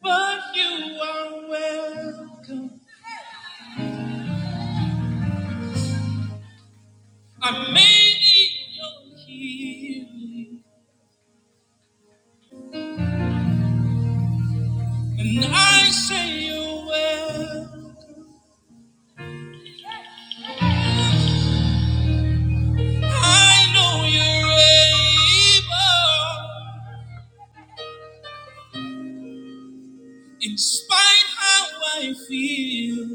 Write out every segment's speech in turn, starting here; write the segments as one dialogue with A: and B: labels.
A: But you are welcome. I may need your healing. And I say you're well. I know you're able. In spite how I feel.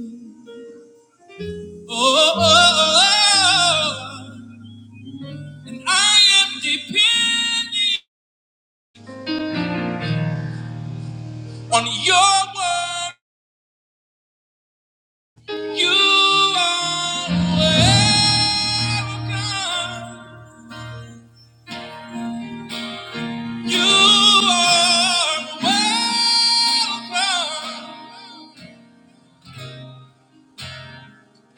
A: Oh, oh, oh. oh. And I am depending on your word. You are welcome. You are welcome.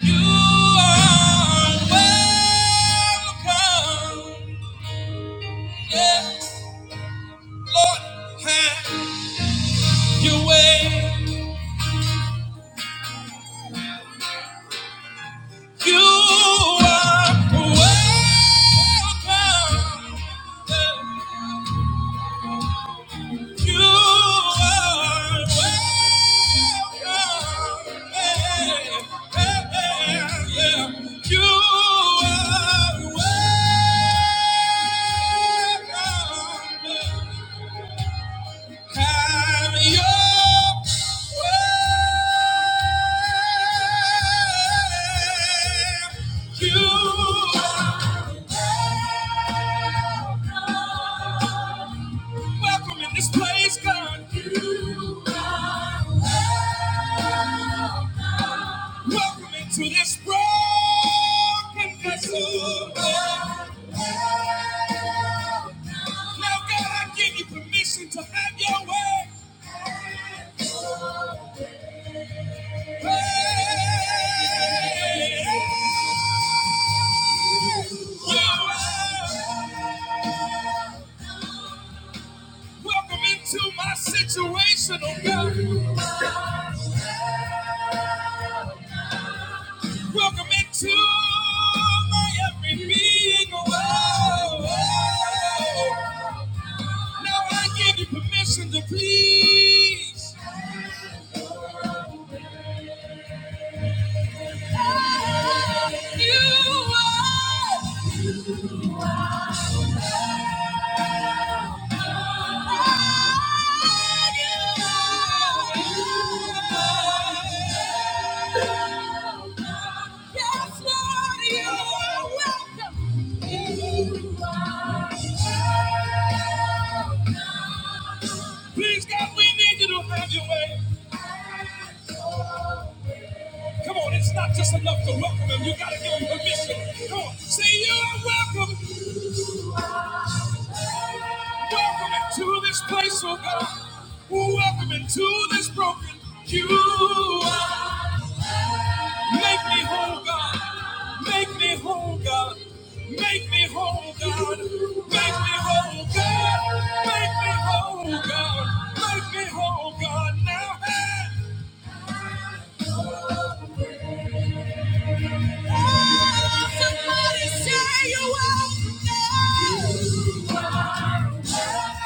A: You are welcome. Yes, Lord, have your way. You are welcome. You are welcome. Hey, hey, hey, yeah. You are welcome. Have your way. You are welcome in this place, God. You are Welcome into this broken vessel. Now, God, I give you permission to have your way. Hey, Lord, Welcome into my situation, oh God. Welcome into my every being, oh. Now I give you permission to please. Please, God, we need you to have your way. Come on, it's not just enough to welcome him. You gotta give him permission. Come on, say you are welcome. Welcome into this place, oh God. Welcome into this broken. You are. Make me whole, God. Make me whole, God. Make me whole, God. Make me whole, God. Make me whole, God. Make me whole, God. Now, hey. Somebody say you will.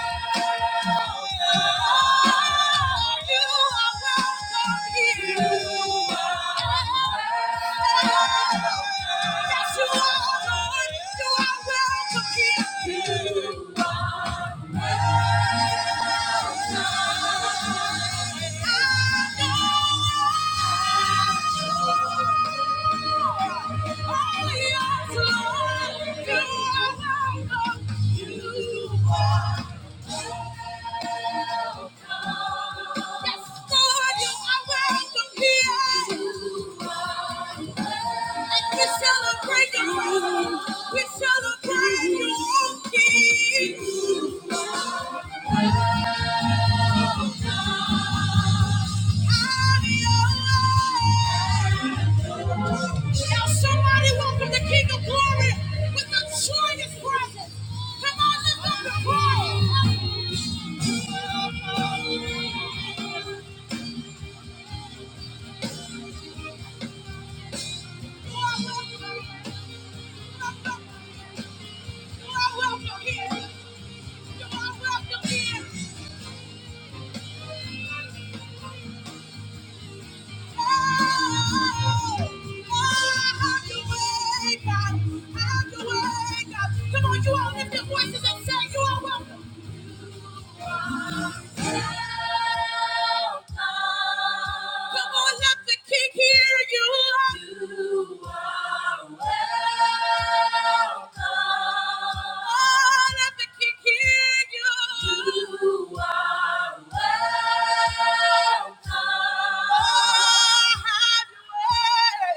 A: You are we Celebrate your own king. Now somebody welcome the King of Glory with the joyous presence. Come on, lift up the praise. You are welcome You are welcome here. You are welcome here. Come on, you all lift your voices and say you are welcome. Come on, let the king hear you. You are welcome. Oh, let the king hear you. You are welcome. Oh, have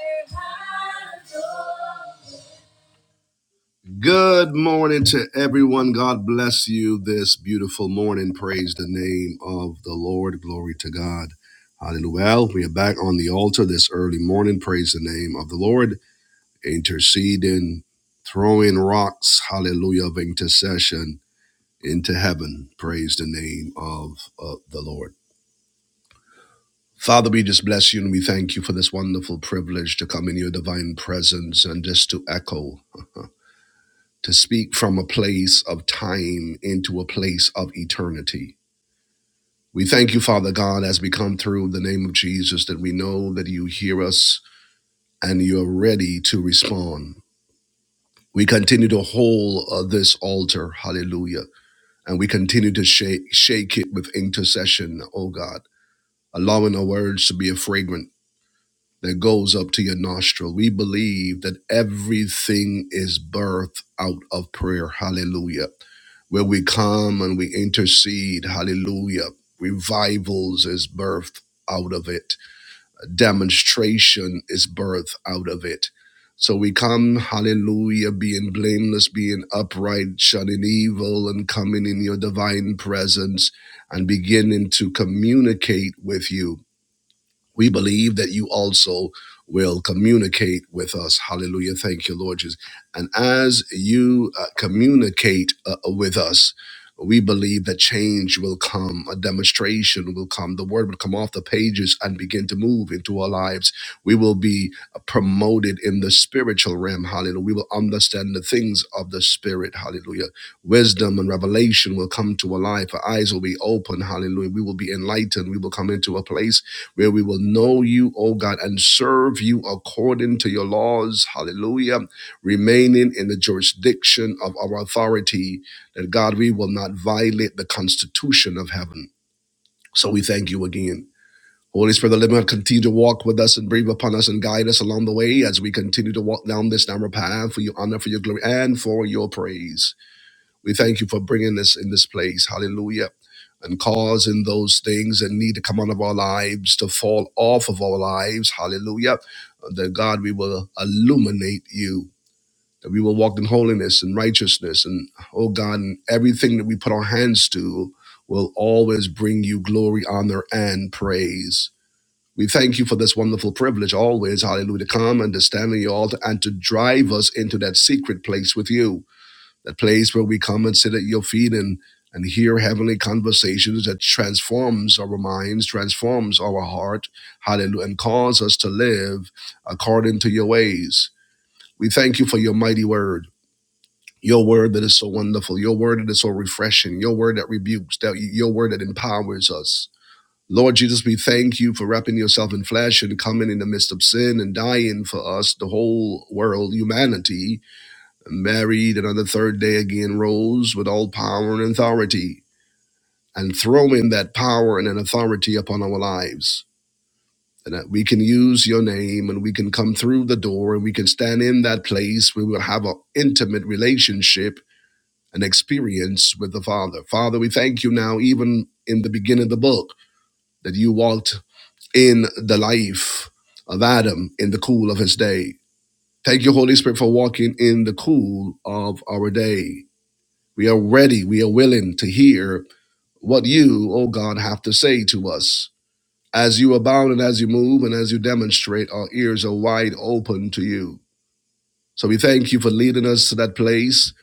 A: your way. Have your Good morning to everyone. God bless you this beautiful morning. Praise the name of the Lord. Glory to God. Hallelujah. Well, we are back on the altar this early morning. Praise the name of the Lord. Interceding, throwing rocks. Hallelujah. Of intercession into heaven. Praise the name of, of the Lord. Father, we just bless you and we thank you for this wonderful privilege to come in your divine presence and just to echo. to speak from a place of time into a place of eternity. We thank you, Father God, as we come through the name of Jesus, that we know that you hear us and you're ready to respond. We continue to hold uh, this altar, hallelujah, and we continue to shake, shake it with intercession, oh God, allowing our words to be a fragrance that goes up to your nostril. We believe that everything is birthed out of prayer. Hallelujah. Where we come and we intercede. Hallelujah. Revivals is birthed out of it. Demonstration is birthed out of it. So we come, hallelujah, being blameless, being upright, shunning evil, and coming in your divine presence and beginning to communicate with you we believe that you also will communicate with us. Hallelujah. Thank you, Lord Jesus. And as you uh, communicate uh, with us, we believe that change will come, a demonstration will come, the word will come off the pages and begin to move into our lives. We will be uh, promoted in the spiritual realm. Hallelujah. We will understand the things of the spirit. Hallelujah. Wisdom and revelation will come to our life. Our eyes will be open. Hallelujah. We will be enlightened. We will come into a place where we will know you, O God, and serve you according to your laws. Hallelujah. Remaining in the jurisdiction of our authority, that God, we will not violate the constitution of heaven. So we thank you again. Holy Spirit, of the living God, continue to walk with us and breathe upon us and guide us along the way as we continue to walk down this narrow path for your honor, for your glory, and for your praise. We thank you for bringing us in this place. Hallelujah. And causing those things that need to come out of our lives to fall off of our lives. Hallelujah. That God, we will illuminate you. That we will walk in holiness and righteousness. And oh God, and everything that we put our hands to will always bring you glory, honor, and praise. We thank you for this wonderful privilege always, hallelujah, to come and to stand on your altar and to drive us into that secret place with you that place where we come and sit at your feet and and hear heavenly conversations that transforms our minds, transforms our heart, hallelujah, and cause us to live according to your ways. We thank you for your mighty word, your word that is so wonderful, your word that is so refreshing, your word that rebukes, that your word that empowers us. Lord Jesus, we thank you for wrapping yourself in flesh and coming in the midst of sin and dying for us, the whole world, humanity, married, and on the third day again rose with all power and authority, and throwing that power and an authority upon our lives. And that we can use your name and we can come through the door and we can stand in that place. We will have an intimate relationship and experience with the Father. Father, we thank you now, even in the beginning of the book, that you walked in the life of Adam in the cool of his day. Thank you, Holy Spirit, for walking in the cool of our day We are ready, we are willing to hear what you, O God, have to say to us. As you abound and as you move and as you demonstrate, our ears are wide open to you. So we thank you for leading us to that place,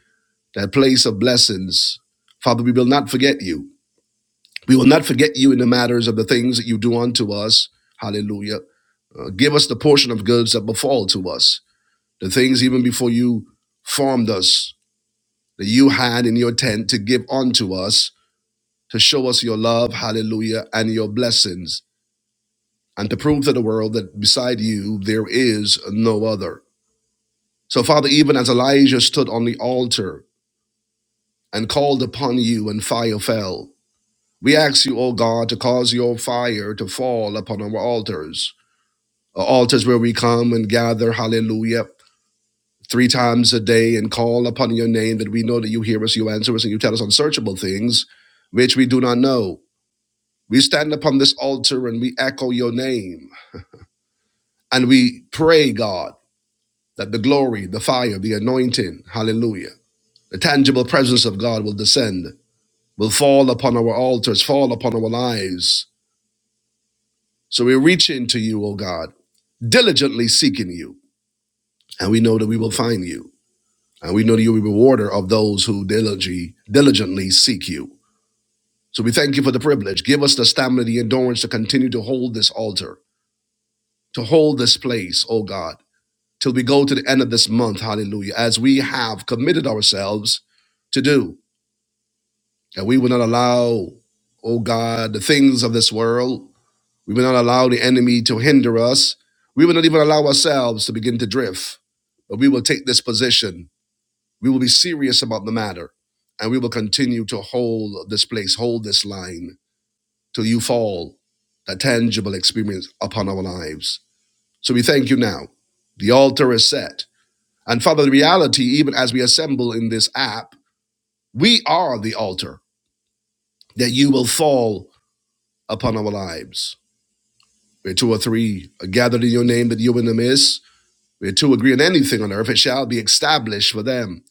A: that place of blessings. Father, we will not forget you. We will not forget you in the matters of the things that you do unto us. Hallelujah. Uh, give us the portion of goods that befall to us, the things even before you formed us, that you had in your tent to give unto us to show us your love, hallelujah, and your blessings, and to prove to the world that beside you there is no other. So, Father, even as Elijah stood on the altar and called upon you, and fire fell, we ask you, O God, to cause your fire to fall upon our altars, our altars where we come and gather, hallelujah. Three times a day and call upon your name that we know that you hear us, you answer us, and you tell us unsearchable things which we do not know. We stand upon this altar and we echo your name. And we pray, God, that the glory, the fire, the anointing, hallelujah, the tangible presence of God will descend, will fall upon our altars, fall upon our lives. So we reach into you, O God, diligently seeking you, and we know that we will find you. And we know that you're a rewarder of those who diligently, diligently seek you. So we thank you for the privilege. Give us the stamina, the endurance to continue to hold this altar, to hold this place, O God till we go to the end of this month, hallelujah, as we have committed ourselves to do. And we will not allow, oh God, the things of this world. We will not allow the enemy to hinder us. We will not even allow ourselves to begin to drift. But we will take this position. We will be serious about the matter. And we will continue to hold this place, hold this line till you fall, a tangible experience upon our lives. So we thank you now. The altar is set And Father, the reality, even as we assemble in this app, we are the altar that you will fall upon our lives. Where two or three are gathered in your name, that you in the midst. Where two agree on anything on earth, it shall be established for them.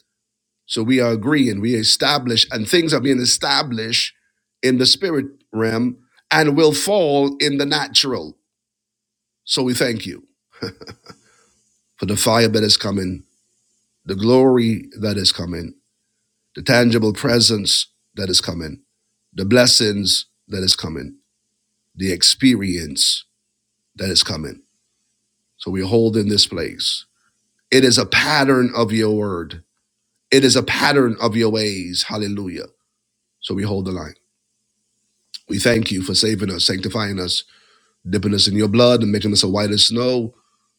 A: So we are agreeing, we establish, and things are being established in the spirit realm and will fall in the natural. So we thank you for the fire that is coming, the glory that is coming the tangible presence that is coming, the blessings that is coming, the experience that is coming. So we hold in this place. It is a pattern of your word. It is a pattern of your ways. Hallelujah. So we hold the line. We thank you for saving us, sanctifying us, dipping us in your blood and making us as white as snow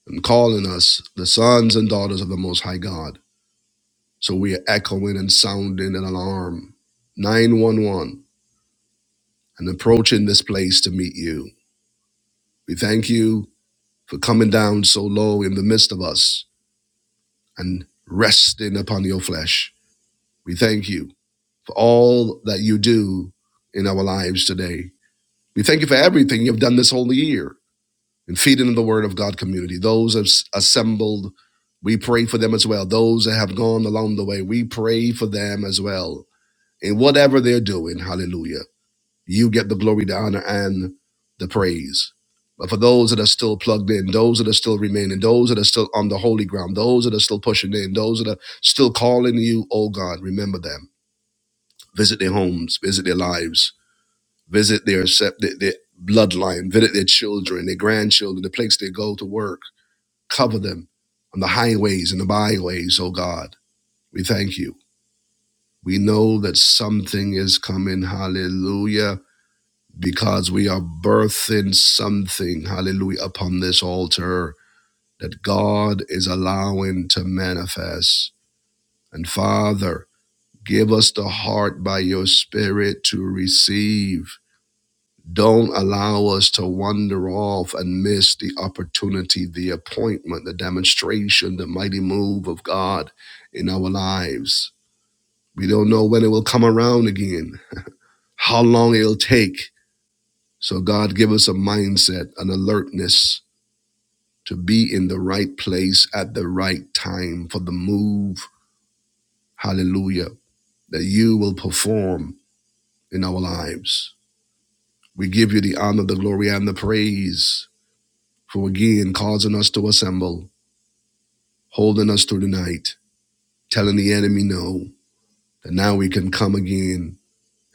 A: and calling us the sons and daughters of the Most High God. So we are echoing and sounding an alarm, 911, and approaching this place to meet you. We thank you for coming down so low in the midst of us and resting upon your flesh. We thank you for all that you do in our lives today. We thank you for everything you've done this whole year in feeding the Word of God community. Those as- assembled, we pray for them as well. Those that have gone along the way, we pray for them as well in whatever they're doing. Hallelujah. You get the glory, the honor, and the praise. But for those that are still plugged in, those that are still remaining, those that are still on the holy ground, those that are still pushing in, those that are still calling you, oh God, remember them. Visit their homes, visit their lives, visit their, sep- their, their bloodline, visit their children, their grandchildren, the place they go to work. Cover them on the highways and the byways, oh God. We thank you. We know that something is coming. Hallelujah because we are birthing something, hallelujah, upon this altar that God is allowing to manifest. And Father, give us the heart by your Spirit to receive. Don't allow us to wander off and miss the opportunity, the appointment, the demonstration, the mighty move of God in our lives. We don't know when it will come around again, how long it'll take. So, God, give us a mindset, an alertness, to be in the right place at the right time for the move, hallelujah, that you will perform in our lives. We give you the honor, the glory, and the praise for again causing us to assemble, holding us through the night, telling the enemy no, that now we can come again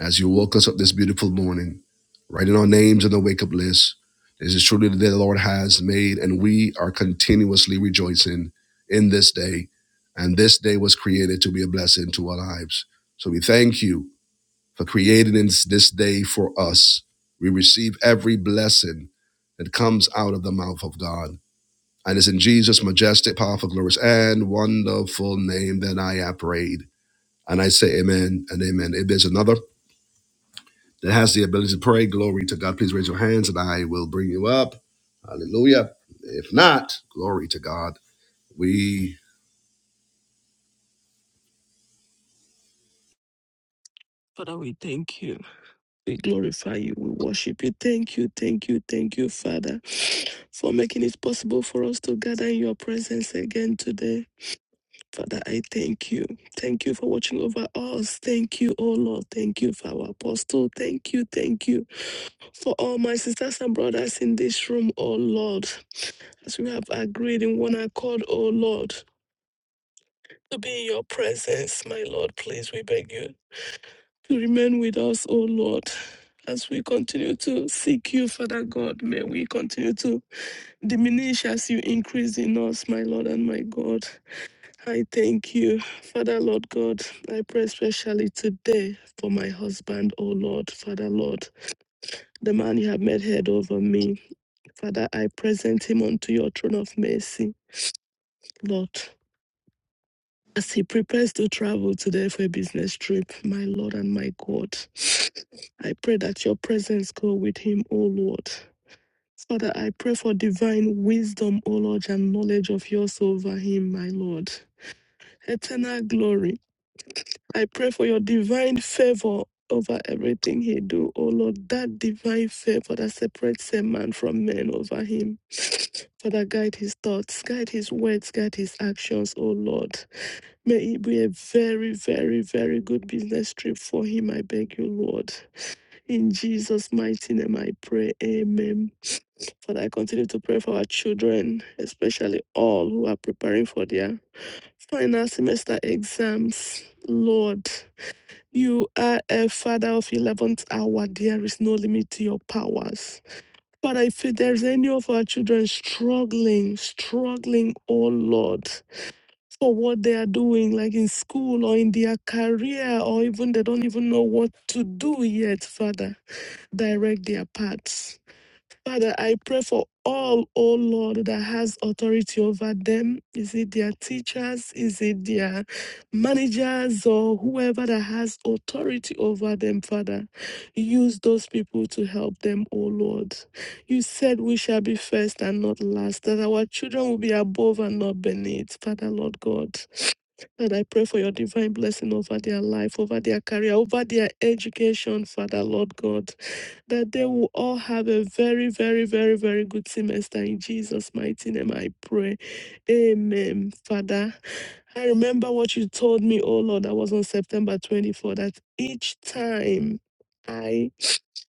A: as you woke us up this beautiful morning, writing our names in the wake up list. This is truly the day the Lord has made, and we are continuously rejoicing in this day. And this day was created to be a blessing to our lives. So we thank you for creating this day for us. We receive every blessing that comes out of the mouth of God. And it's in Jesus' majestic, powerful, glorious, and wonderful name that I have prayed. And I say amen and amen. If there's another that has the ability to pray, glory to God. Please raise your hands and I will bring you up. Hallelujah. If not, glory to God. We
B: Father, we thank you. We glorify you. We worship you. Thank you. Thank you. Thank you, Father, for making it possible for us to gather in your presence again today. Father, I thank you. Thank you for watching over us. Thank you, oh Lord. Thank you for our apostle. Thank you. Thank you for all my sisters and brothers in this room, oh Lord. As we have agreed in one accord, oh Lord, to be in your presence, my Lord, please, we beg you. to remain with us, O Lord. As we continue to seek you, Father God, may we continue to diminish as you increase in us, my Lord and my God. I thank you, Father Lord God. I pray especially today for my husband, O Lord, Father Lord, the man you have made head over me. Father, I present him unto your throne of mercy, Lord. as he prepares to travel today for a business trip, my Lord and my God. I pray that your presence go with him, O Lord. Father, I pray for divine wisdom, O Lord, and knowledge of yours over him, my Lord. Eternal glory. I pray for your divine favor over everything he do, O Lord. That divine favor that separates a man from men over him. Father, guide his thoughts, guide his words, guide his actions, O Lord. May it be a very, very, very good business trip for him, I beg you, Lord. In Jesus' mighty name, I pray. Amen. Father, I continue to pray for our children, especially all who are preparing for their final semester exams. Lord, you are a father of 11th hour. There is no limit to your powers. But if there's any of our children struggling, struggling, oh Lord, for what they are doing, like in school or in their career, or even they don't even know what to do yet, Father. Direct their paths. Father, I pray for all, oh Lord, that has authority over them. Is it their teachers? Is it their managers or whoever that has authority over them, Father? Use those people to help them, oh Lord. You said we shall be first and not last, that our children will be above and not beneath, Father, Lord God. And I pray for your divine blessing over their life, over their career, over their education, Father, Lord God that they will all have a very, very, very, very good semester in Jesus' mighty name. I pray. Amen, Father. I remember what you told me, oh Lord, that was on September 24, that each time. I.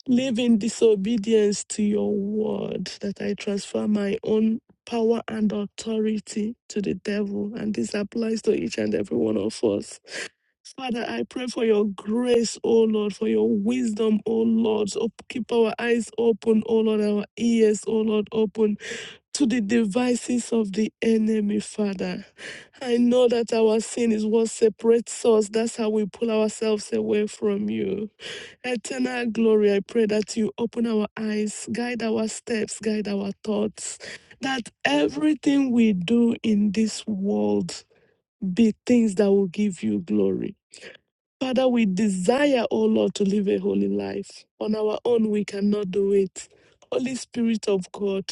B: Live in disobedience to your word, that I transfer my own power and authority to the devil. And this applies to each and every one of us. Father, I pray for your grace, O Lord, for your wisdom, O Lord. Op- Keep our eyes open, O Lord, our ears, O Lord, open to the devices of the enemy, Father. I know that our sin is what separates us. That's how we pull ourselves away from you. Eternal glory, I pray that you open our eyes, guide our steps, guide our thoughts, that everything we do in this world be things that will give you glory. Father, we desire, O Lord, to live a holy life. On our own, we cannot do it. Holy Spirit of God,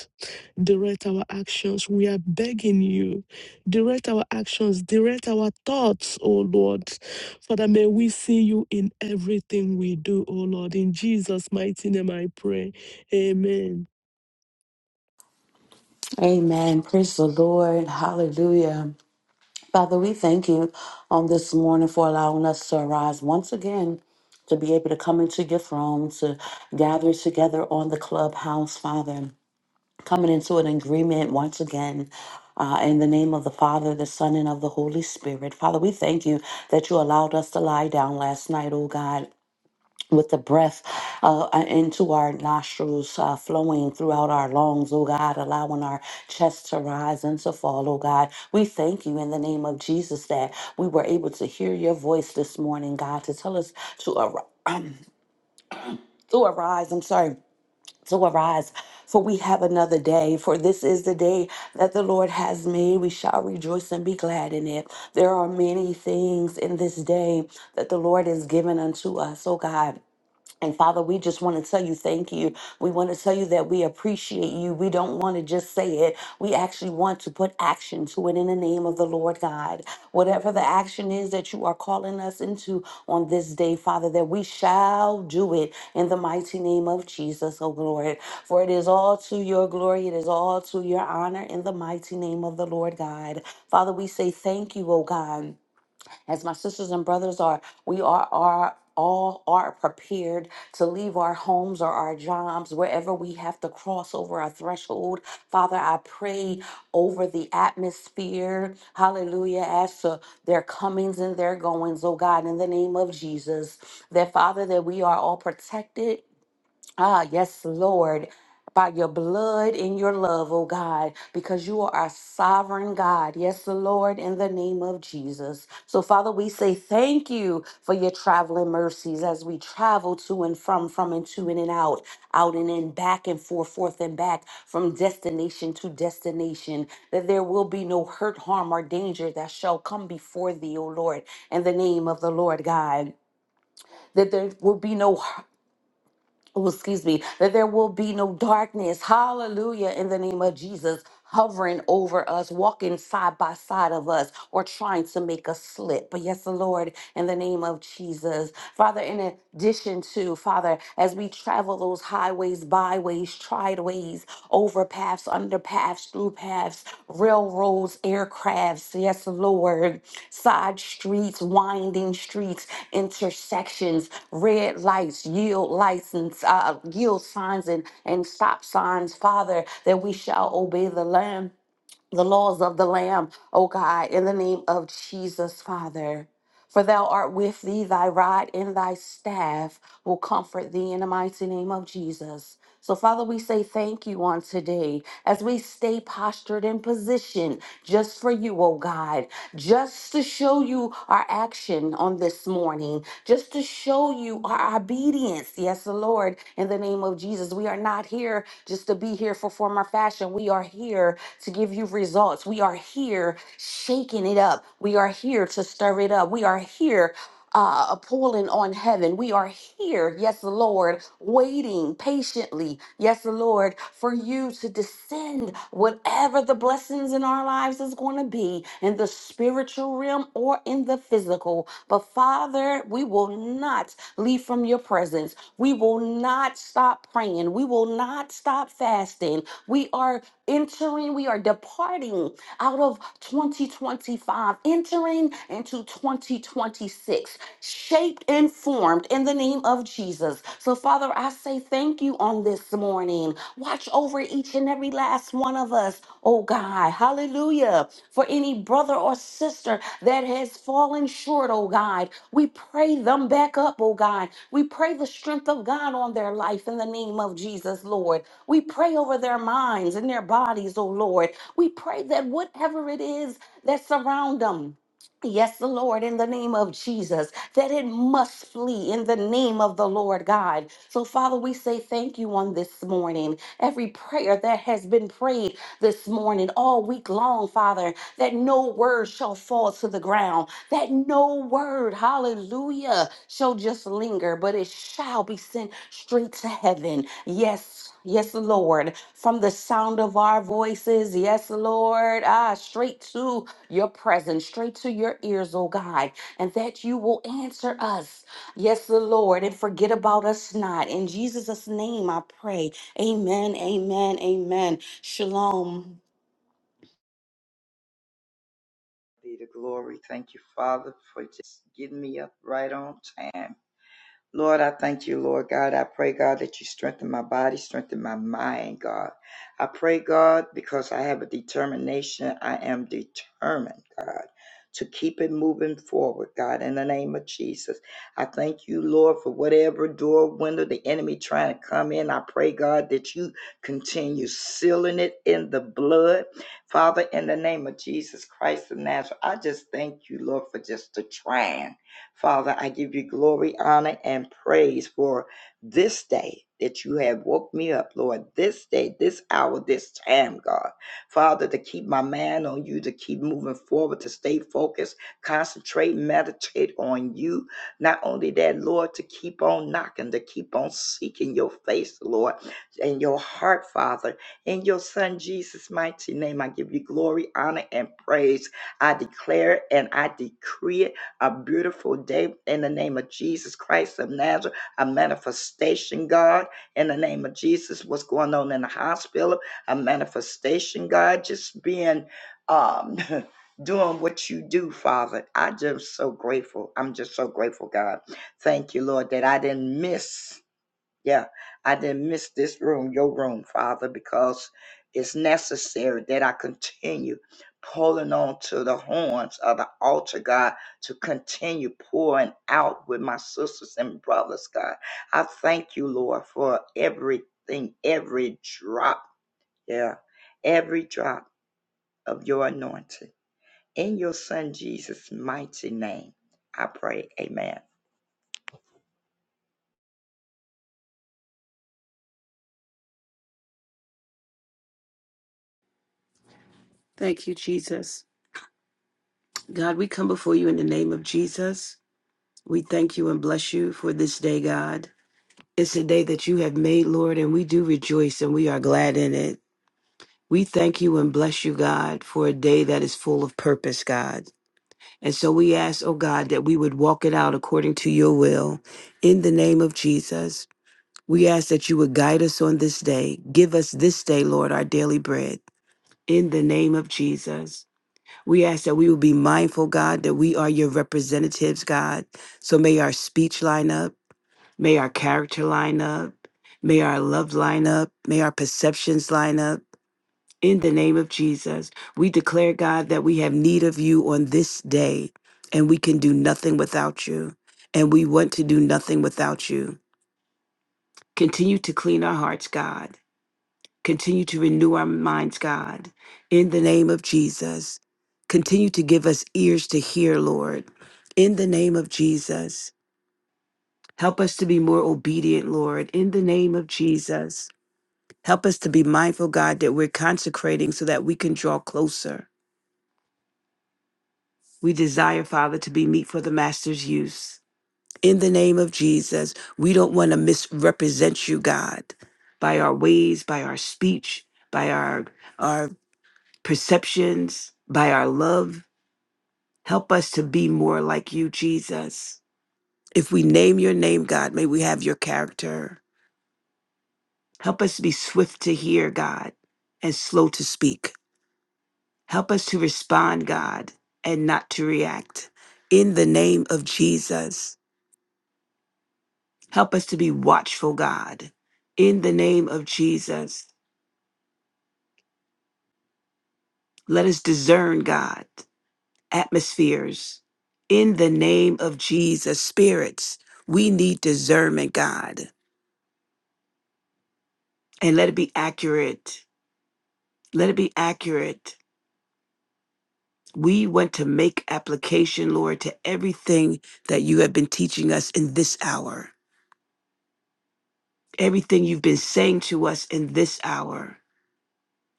B: direct our actions. We are begging you. Direct our actions, direct our thoughts, O Lord. Father, may we see you in everything we do, O Lord. In Jesus' mighty name I pray. Amen.
C: Amen. Praise the Lord. Hallelujah. Father, we thank you on this morning for allowing us to arise once again to be able to come into your throne, to gather together on the clubhouse, Father, coming into an agreement once again. Uh, in the name of the Father, the Son, and of the Holy Spirit. Father, we thank you that you allowed us to lie down last night, oh God with the breath uh, uh, into our nostrils, uh, flowing throughout our lungs, oh God, allowing our chest to rise and to fall, oh God. We thank you in the name of Jesus that we were able to hear your voice this morning, God, to tell us to, ar- um, to arise. I'm sorry. To arise, for we have another day. For this is the day that the Lord has made. We shall rejoice and be glad in it. There are many things in this day that the Lord has given unto us, oh God. And Father, we just want to tell you thank you. We want to tell you that we appreciate you. We don't want to just say it. We actually want to put action to it in the name of the Lord God. Whatever the action is that you are calling us into on this day, Father, that we shall do it in the mighty name of Jesus, oh Lord. For it is all to your glory, it is all to your honor in the mighty name of the Lord God. Father, we say thank you, oh God as my sisters and brothers are, we are, are all are prepared to leave our homes or our jobs wherever we have to cross over our threshold. Father, I pray over the atmosphere. Hallelujah. As to their comings and their goings, oh God, in the name of Jesus. That Father, that we are all protected Ah, yes, Lord. By your blood and your love, oh God, because you are our sovereign God. Yes, Lord, in the name of Jesus. So, Father, we say thank you for your traveling mercies as we travel to and from, from and to and, and out, out and in, back and forth, forth and back, from destination to destination, that there will be no hurt, harm, or danger that shall come before thee, O Lord, in the name of the Lord God. That there will be no oh, excuse me, that there will be no darkness. Hallelujah. In the name of Jesus, hovering over us, walking side by side of us, or trying to make us slip. But yes, the Lord, in the name of Jesus. Father, in addition to, Father, as we travel those highways, byways, tried ways ways, overpaths, underpaths, through paths, railroads, aircrafts, yes, Lord, side streets, winding streets, intersections, red lights, yield license, uh, yield signs and, and stop signs, Father, that we shall obey the Lamb the laws of the Lamb, O God, in the name of Jesus, Father. For thou art with thee, thy rod and thy staff will comfort thee in the mighty name of Jesus. So, Father, we say thank you on today as we stay postured and positioned just for you, O God just to show you our action on this morning, just to show you our obedience. Yes, the Lord, in the name of Jesus, we are not here just to be here for form or fashion. We are here to give you results. We are here shaking it up. We are here to stir it up. We are here uh, a pulling on heaven. We are here, yes, Lord, waiting patiently, yes, Lord, for you to descend whatever the blessings in our lives is going to be in the spiritual realm or in the physical. But Father, we will not leave from your presence. We will not stop praying. We will not stop fasting. We are entering, we are departing out of 2025, entering into 2026, shaped and formed in the name of Jesus. So, Father, I say thank you on this morning. Watch over each and every last one of us, oh God. Hallelujah. For any brother or sister that has fallen short, oh God, we pray them back up, oh God. We pray the strength of God on their life in the name of Jesus, Lord. We pray over their minds and their bodies, oh Lord. We pray that whatever it is that surround them, Yes, the Lord, in the name of Jesus, that it must flee in the name of the Lord God. So, Father, we say thank you on this morning. Every prayer that has been prayed this morning, all week long, Father, that no word shall fall to the ground, that no word, hallelujah, shall just linger, but it shall be sent straight to heaven. Yes, yes, Lord. From the sound of our voices, yes, Lord. Ah, straight to your presence, straight to your ears, oh God, and that you will answer us. Yes, Lord, and forget about us not. In Jesus' name I pray. Amen, amen, amen. Shalom.
D: be the glory. Thank you, Father, for just getting me up right on time. Lord, I thank you, Lord God. I pray, God, that you strengthen my body, strengthen my mind, God. I pray, God, because I have a determination. I am determined, God, to keep it moving forward, God, in the name of Jesus. I thank you, Lord, for whatever door, window the enemy trying to come in. I pray, God, that you continue sealing it in the blood. Father, in the name of Jesus Christ of Nazareth, I just thank you, Lord, for just the triumph. Father, I give you glory, honor, and praise for this day that you have woke me up, Lord, this day, this hour, this time, God. Father, to keep my mind on you, to keep moving forward, to stay focused, concentrate, meditate on you. Not only that, Lord, to keep on knocking, to keep on seeking your face, Lord, and your heart, Father. In your Son Jesus' mighty name, I give you glory, honor, and praise. I declare and I decree it a beautiful day in the name of Jesus Christ of Nazareth, a manifestation, God, in the name of Jesus, what's going on in the hospital, a manifestation, God, just being um doing what you do, Father. I just so grateful. I'm just so grateful, God. Thank you, Lord, that I didn't miss. Yeah, I didn't miss this room, your room, Father, because it's necessary that I continue pulling on to the horns of the altar, God, to continue pouring out with my sisters and brothers, God. I thank you, Lord, for everything, every drop, yeah, every drop of your anointing. In your Son Jesus' mighty name, I pray. Amen.
E: Thank you, Jesus. God, we come before you in the name of Jesus. We thank you and bless you for this day, God. It's a day that you have made, Lord, and we do rejoice and we are glad in it. We thank you and bless you, God, for a day that is full of purpose, God. And so we ask, oh God, that we would walk it out according to your will. In the name of Jesus, we ask that you would guide us on this day. Give us this day, Lord, our daily bread. In the name of Jesus. We ask that we will be mindful, God, that we are your representatives, God. So may our speech line up, may our character line up, may our love line up, may our perceptions line up. In the name of Jesus, we declare, God, that we have need of you on this day, and we can do nothing without you, and we want to do nothing without you. Continue to clean our hearts, God. Continue to renew our minds, God, in the name of Jesus. Continue to give us ears to hear, Lord, in the name of Jesus. Help us to be more obedient, Lord, in the name of Jesus. Help us to be mindful, God, that we're consecrating so that we can draw closer. We desire, Father, to be meat for the Master's use. In the name of Jesus, we don't want to misrepresent you, God, by our ways, by our speech, by our our perceptions, by our love. Help us to be more like you, Jesus. If we name your name, God, may we have your character. Help us to be swift to hear, God, and slow to speak. Help us to respond, God, and not to react. In the name of Jesus, help us to be watchful, God. In the name of Jesus, let us discern, God. atmospheres in the name of Jesus. Spirits, we need discernment, God, and let it be accurate. Let it be accurate. We want to make application, Lord, to everything that you have been teaching us in this hour, everything you've been saying to us in this hour.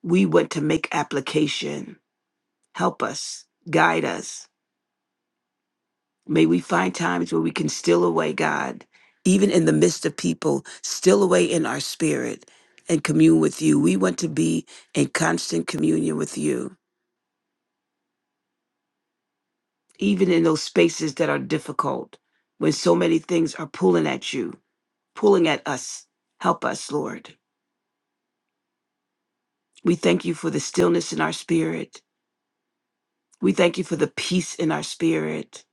E: We want to make application. Help us, guide us, May we find times where we can still away, God, even in the midst of people, still away in our spirit and commune with you. We want to be in constant communion with you, even in those spaces that are difficult, when so many things are pulling at you, pulling at us. Help us, Lord. We thank you for the stillness in our spirit. We thank you for the peace in our spirit.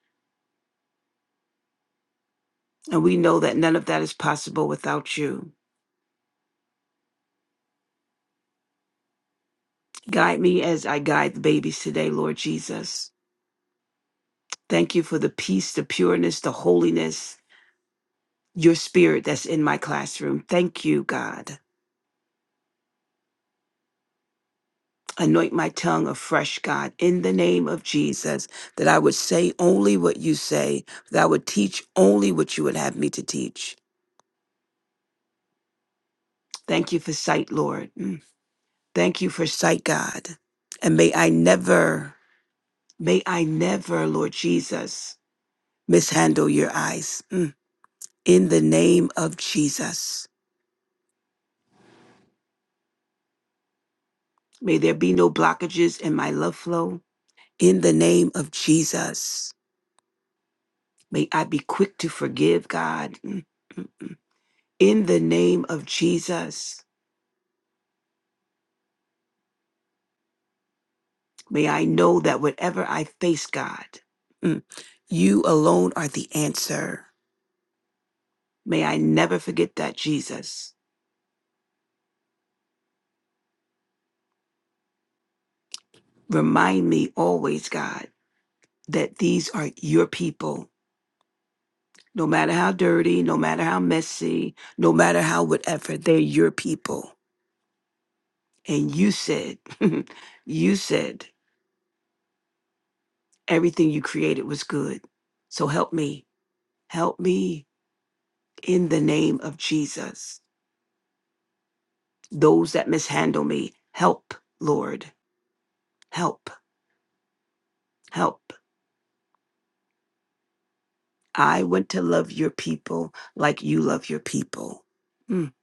E: And we know that none of that is possible without you. Guide me as I guide the babies today, Lord Jesus. Thank you for the peace, the pureness, the holiness, your spirit that's in my classroom. Thank you, God. Anoint my tongue afresh, God, in the name of Jesus, that I would say only what you say, that I would teach only what you would have me to teach. Thank you for sight, Lord. Mm. Thank you for sight, God. And may I never, may I never, Lord Jesus, mishandle your eyes. Mm. In the name of Jesus, may there be no blockages in my love flow. In the name of Jesus, may I be quick to forgive, God. Mm. In the name of Jesus, may I know that whatever I face, God, mm, you alone are the answer. May I never forget that, Jesus. Remind me always, God, that these are your people. No matter how dirty, no matter how messy, no matter how whatever, they're your people. And you said, you said, Everything you created was good. So help me. Help me in the name of Jesus. Those that mishandle me, help, Lord. Help, help. I want to love your people like you love your people. Mm.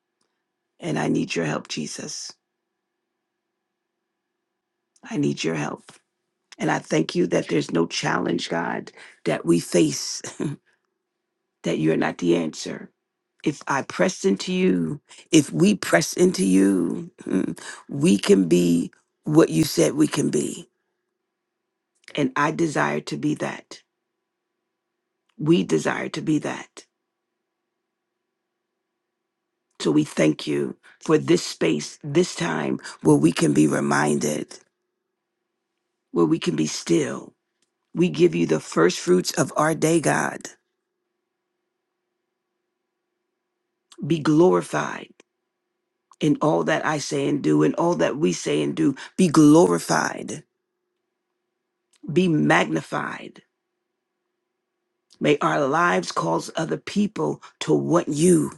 E: And I need your help, Jesus. I need your help. And I thank you that there's no challenge, God, that we face that you're not the answer. If I press into you, if we press into you, mm, we can be what you said we can be. And I desire to be that. We desire to be that. So we thank you for this space, this time where we can be reminded, where we can be still. We give you the first fruits of our day, God. Be glorified in all that I say and do, and all that we say and do. Be glorified, be magnified May our lives cause other people to want you.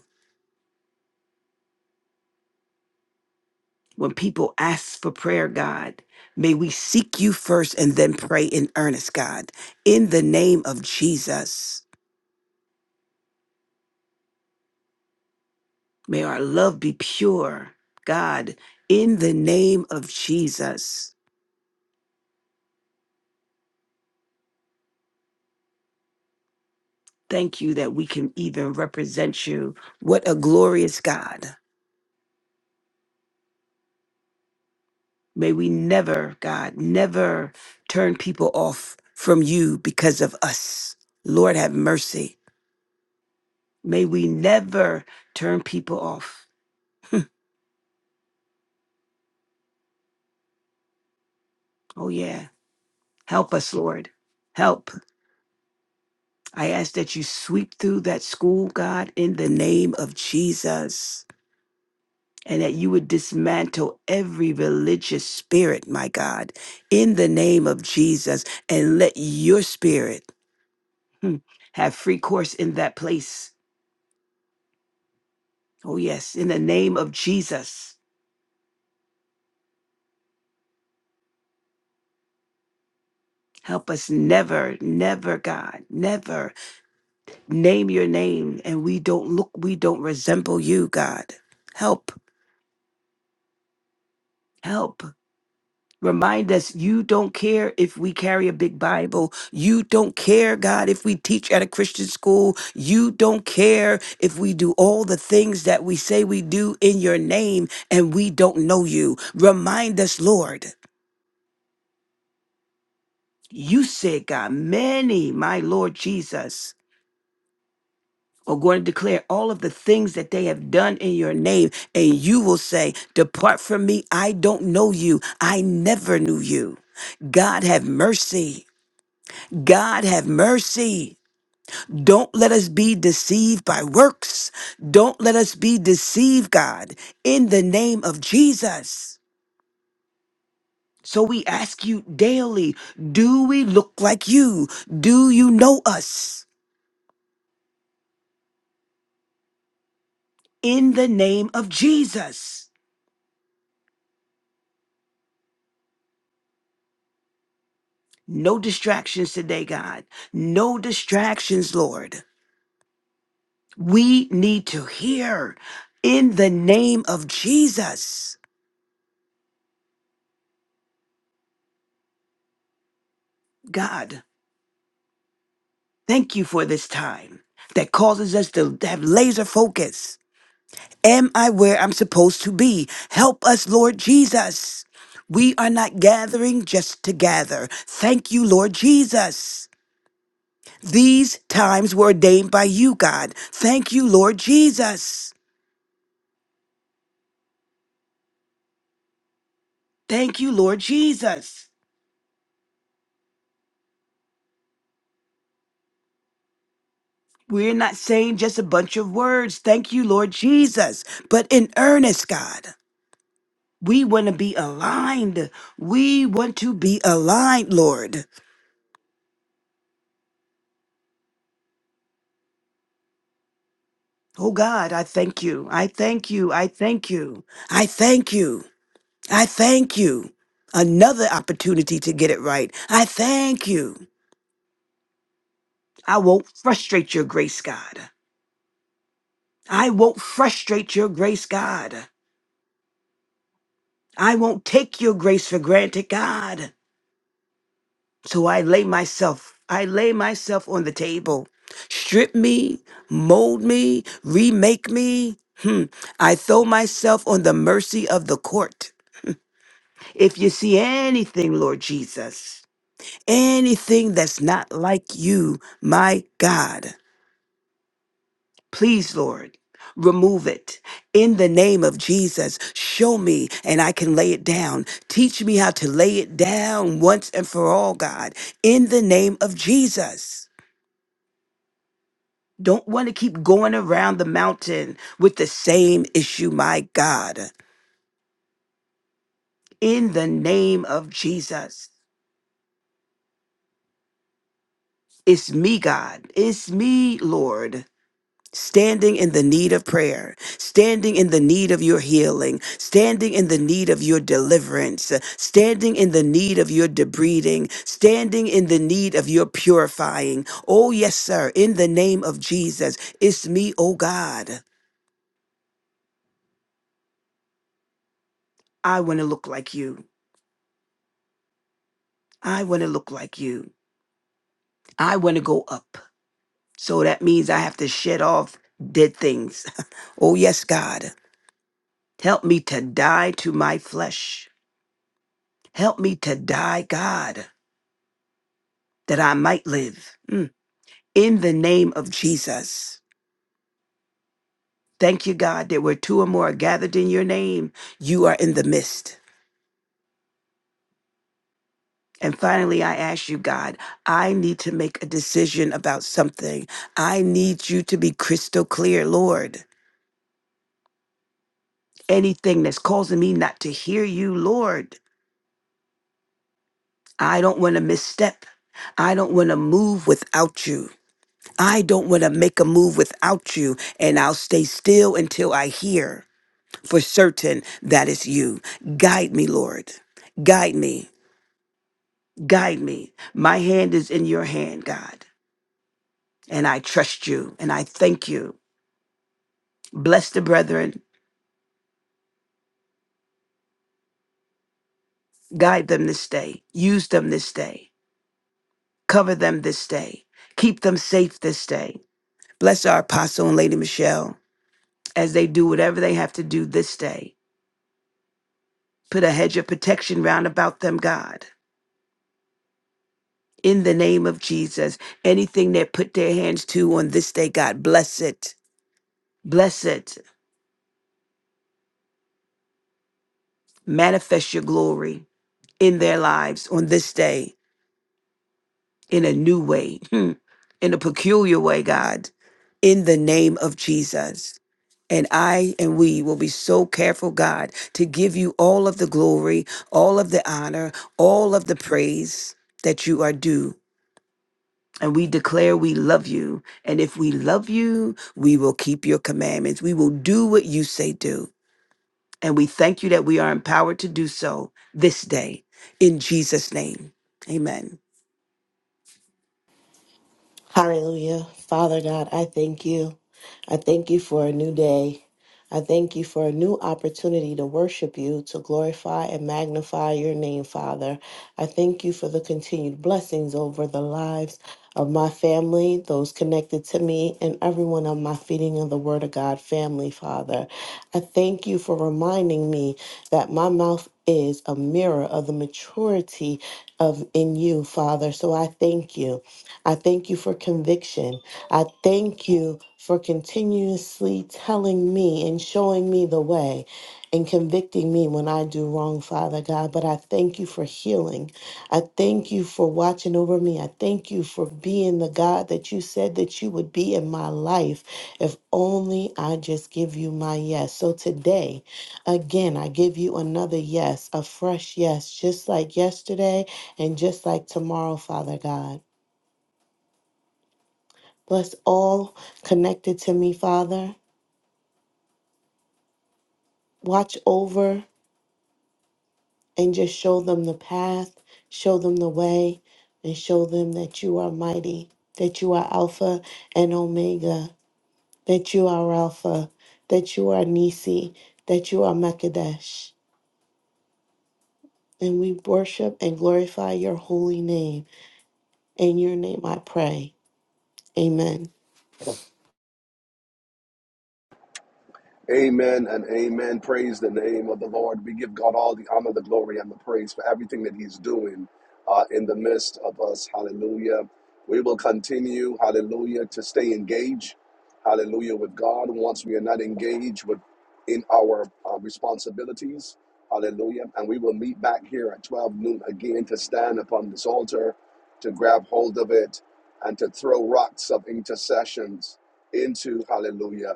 E: When people ask for prayer, God, may we seek you first and then pray in earnest, God. In the name of Jesus, may our love be pure, God. In the name of Jesus, thank you that we can even represent you. What a glorious God. May we never, God, never turn people off from you because of us. Lord, have mercy. May we never turn people off. Oh, yeah. Help us, Lord. Help. I ask that you sweep through that school, God, in the name of Jesus, and that you would dismantle every religious spirit, my God, in the name of Jesus, and let your spirit hmm, have free course in that place. Oh, yes, in the name of Jesus. Help us never, never, God, never name your name and we don't look we don't resemble you god help help remind us you don't care if we carry a big bible you don't care god if we teach at a christian school you don't care if we do all the things that we say we do in your name and we don't know you remind us lord you said god many my lord jesus are going to declare all of the things that they have done in your name. And you will say, Depart from me. I don't know you. I never knew you. God have mercy. God have mercy. Don't let us be deceived by works. Don't let us be deceived, God, in the name of Jesus. So we ask you daily do we look like you? Do you know us? In the name of Jesus. No distractions today, God. No distractions, Lord. We need to hear in the name of Jesus. God, thank you for this time that causes us to have laser focus. Am I where I'm supposed to be? Help us, Lord Jesus. We are not gathering just to gather. Thank you, Lord Jesus. These times were ordained by you, God. Thank you, Lord Jesus. Thank you, Lord Jesus. We're not saying just a bunch of words, thank you, Lord Jesus, but in earnest, God. We want to be aligned. We want to be aligned, Lord. Oh God, I thank you. I thank you. I thank you. I thank you. I thank you. Another opportunity to get it right. I thank you. I won't frustrate your grace, God. I won't frustrate your grace, God. I won't take your grace for granted, God. So I lay myself, I lay myself on the table. Strip me, mold me, remake me. Hmm. I throw myself on the mercy of the court. If you see anything, Lord Jesus, anything that's not like you, my God, please, Lord, remove it. In the name of Jesus, show me and I can lay it down. Teach me how to lay it down once and for all, God. In the name of Jesus. Don't want to keep going around the mountain with the same issue, my God. In the name of Jesus, it's me, God. It's me, Lord. Standing in the need of prayer, standing in the need of your healing, standing in the need of your deliverance, standing in the need of your debreeding, standing in the need of your purifying. Oh, yes, sir, in the name of Jesus, it's me, oh God. I want to look like you. I want to look like you. I want to go up. So that means I have to shed off dead things. oh, yes, God. Help me to die to my flesh. Help me to die, God, that I might live. Mm. In the name of Jesus. Thank you, God, that where two or more are gathered in your name, you are in the midst. And finally, I ask you, God, I need to make a decision about something. I need you to be crystal clear, Lord. Anything that's causing me not to hear you, Lord. I don't want to misstep. I don't want to move without you. I don't want to make a move without you. And I'll stay still until I hear for certain that it's you. Guide me, Lord. Guide me. Guide me. My hand is in your hand, God. And I trust you and I thank you. Bless the brethren. Guide them this day. Use them this day. Cover them this day. Keep them safe this day. Bless our apostle and Lady Michelle. as they do whatever they have to do this day. Put a hedge of protection round about them, God. In the name of Jesus, anything they put their hands to on this day, God, bless it. Bless it. Manifest your glory in their lives on this day in a new way, in a peculiar way, God, in the name of Jesus. And I and we will be so careful, God, to give you all of the glory, all of the honor, all of the praise that you are due And we declare we love you. And if we love you, we will keep your commandments. We will do what you say do. And we thank you that we are empowered to do so this day. In Jesus' name, amen.
F: Hallelujah. Father God, I thank you. I thank you for a new day. I thank you for a new opportunity to worship you, to glorify and magnify your name, Father. I thank you for the continued blessings over the lives of my family, those connected to me, and everyone on my Feeding of the Word of God family, Father. I thank you for reminding me that my mouth is a mirror of the maturity of in you, Father. So I thank you. I thank you for conviction. I thank you for continuously telling me and showing me the way and convicting me when I do wrong, Father God. But I thank you for healing. I thank you for watching over me. I thank you for being the God that you said that you would be in my life if only I just give you my yes. So today, again, I give you another yes, a fresh yes, just like yesterday and just like tomorrow, Father God. Bless all connected to me, Father. Watch over and just show them the path, show them the way, and show them that you are mighty, that you are Alpha and Omega, that you are Alpha, that you are Nisi, that you are Mekadesh. And we worship and glorify your holy name. In your name I pray. Amen.
A: Amen and amen. Praise the name of the Lord. We give God all the honor, the glory, and the praise for everything that He's doing uh, in the midst of us. Hallelujah. We will continue, hallelujah, to stay engaged, hallelujah, with God. Once we are not engaged with in our uh, responsibilities, hallelujah. And we will meet back here at 12 noon again to stand upon this altar, to grab hold of it, and to throw rocks of intercessions into, hallelujah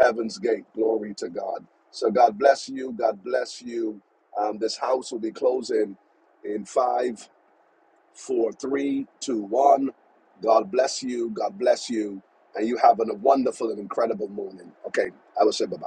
A: heaven's gate. Glory to God. So God bless you. God bless you. Um, this house will be closing in five, four, three, two, one. God bless you. God bless you. And you have a wonderful and incredible morning. Okay, I will say bye bye.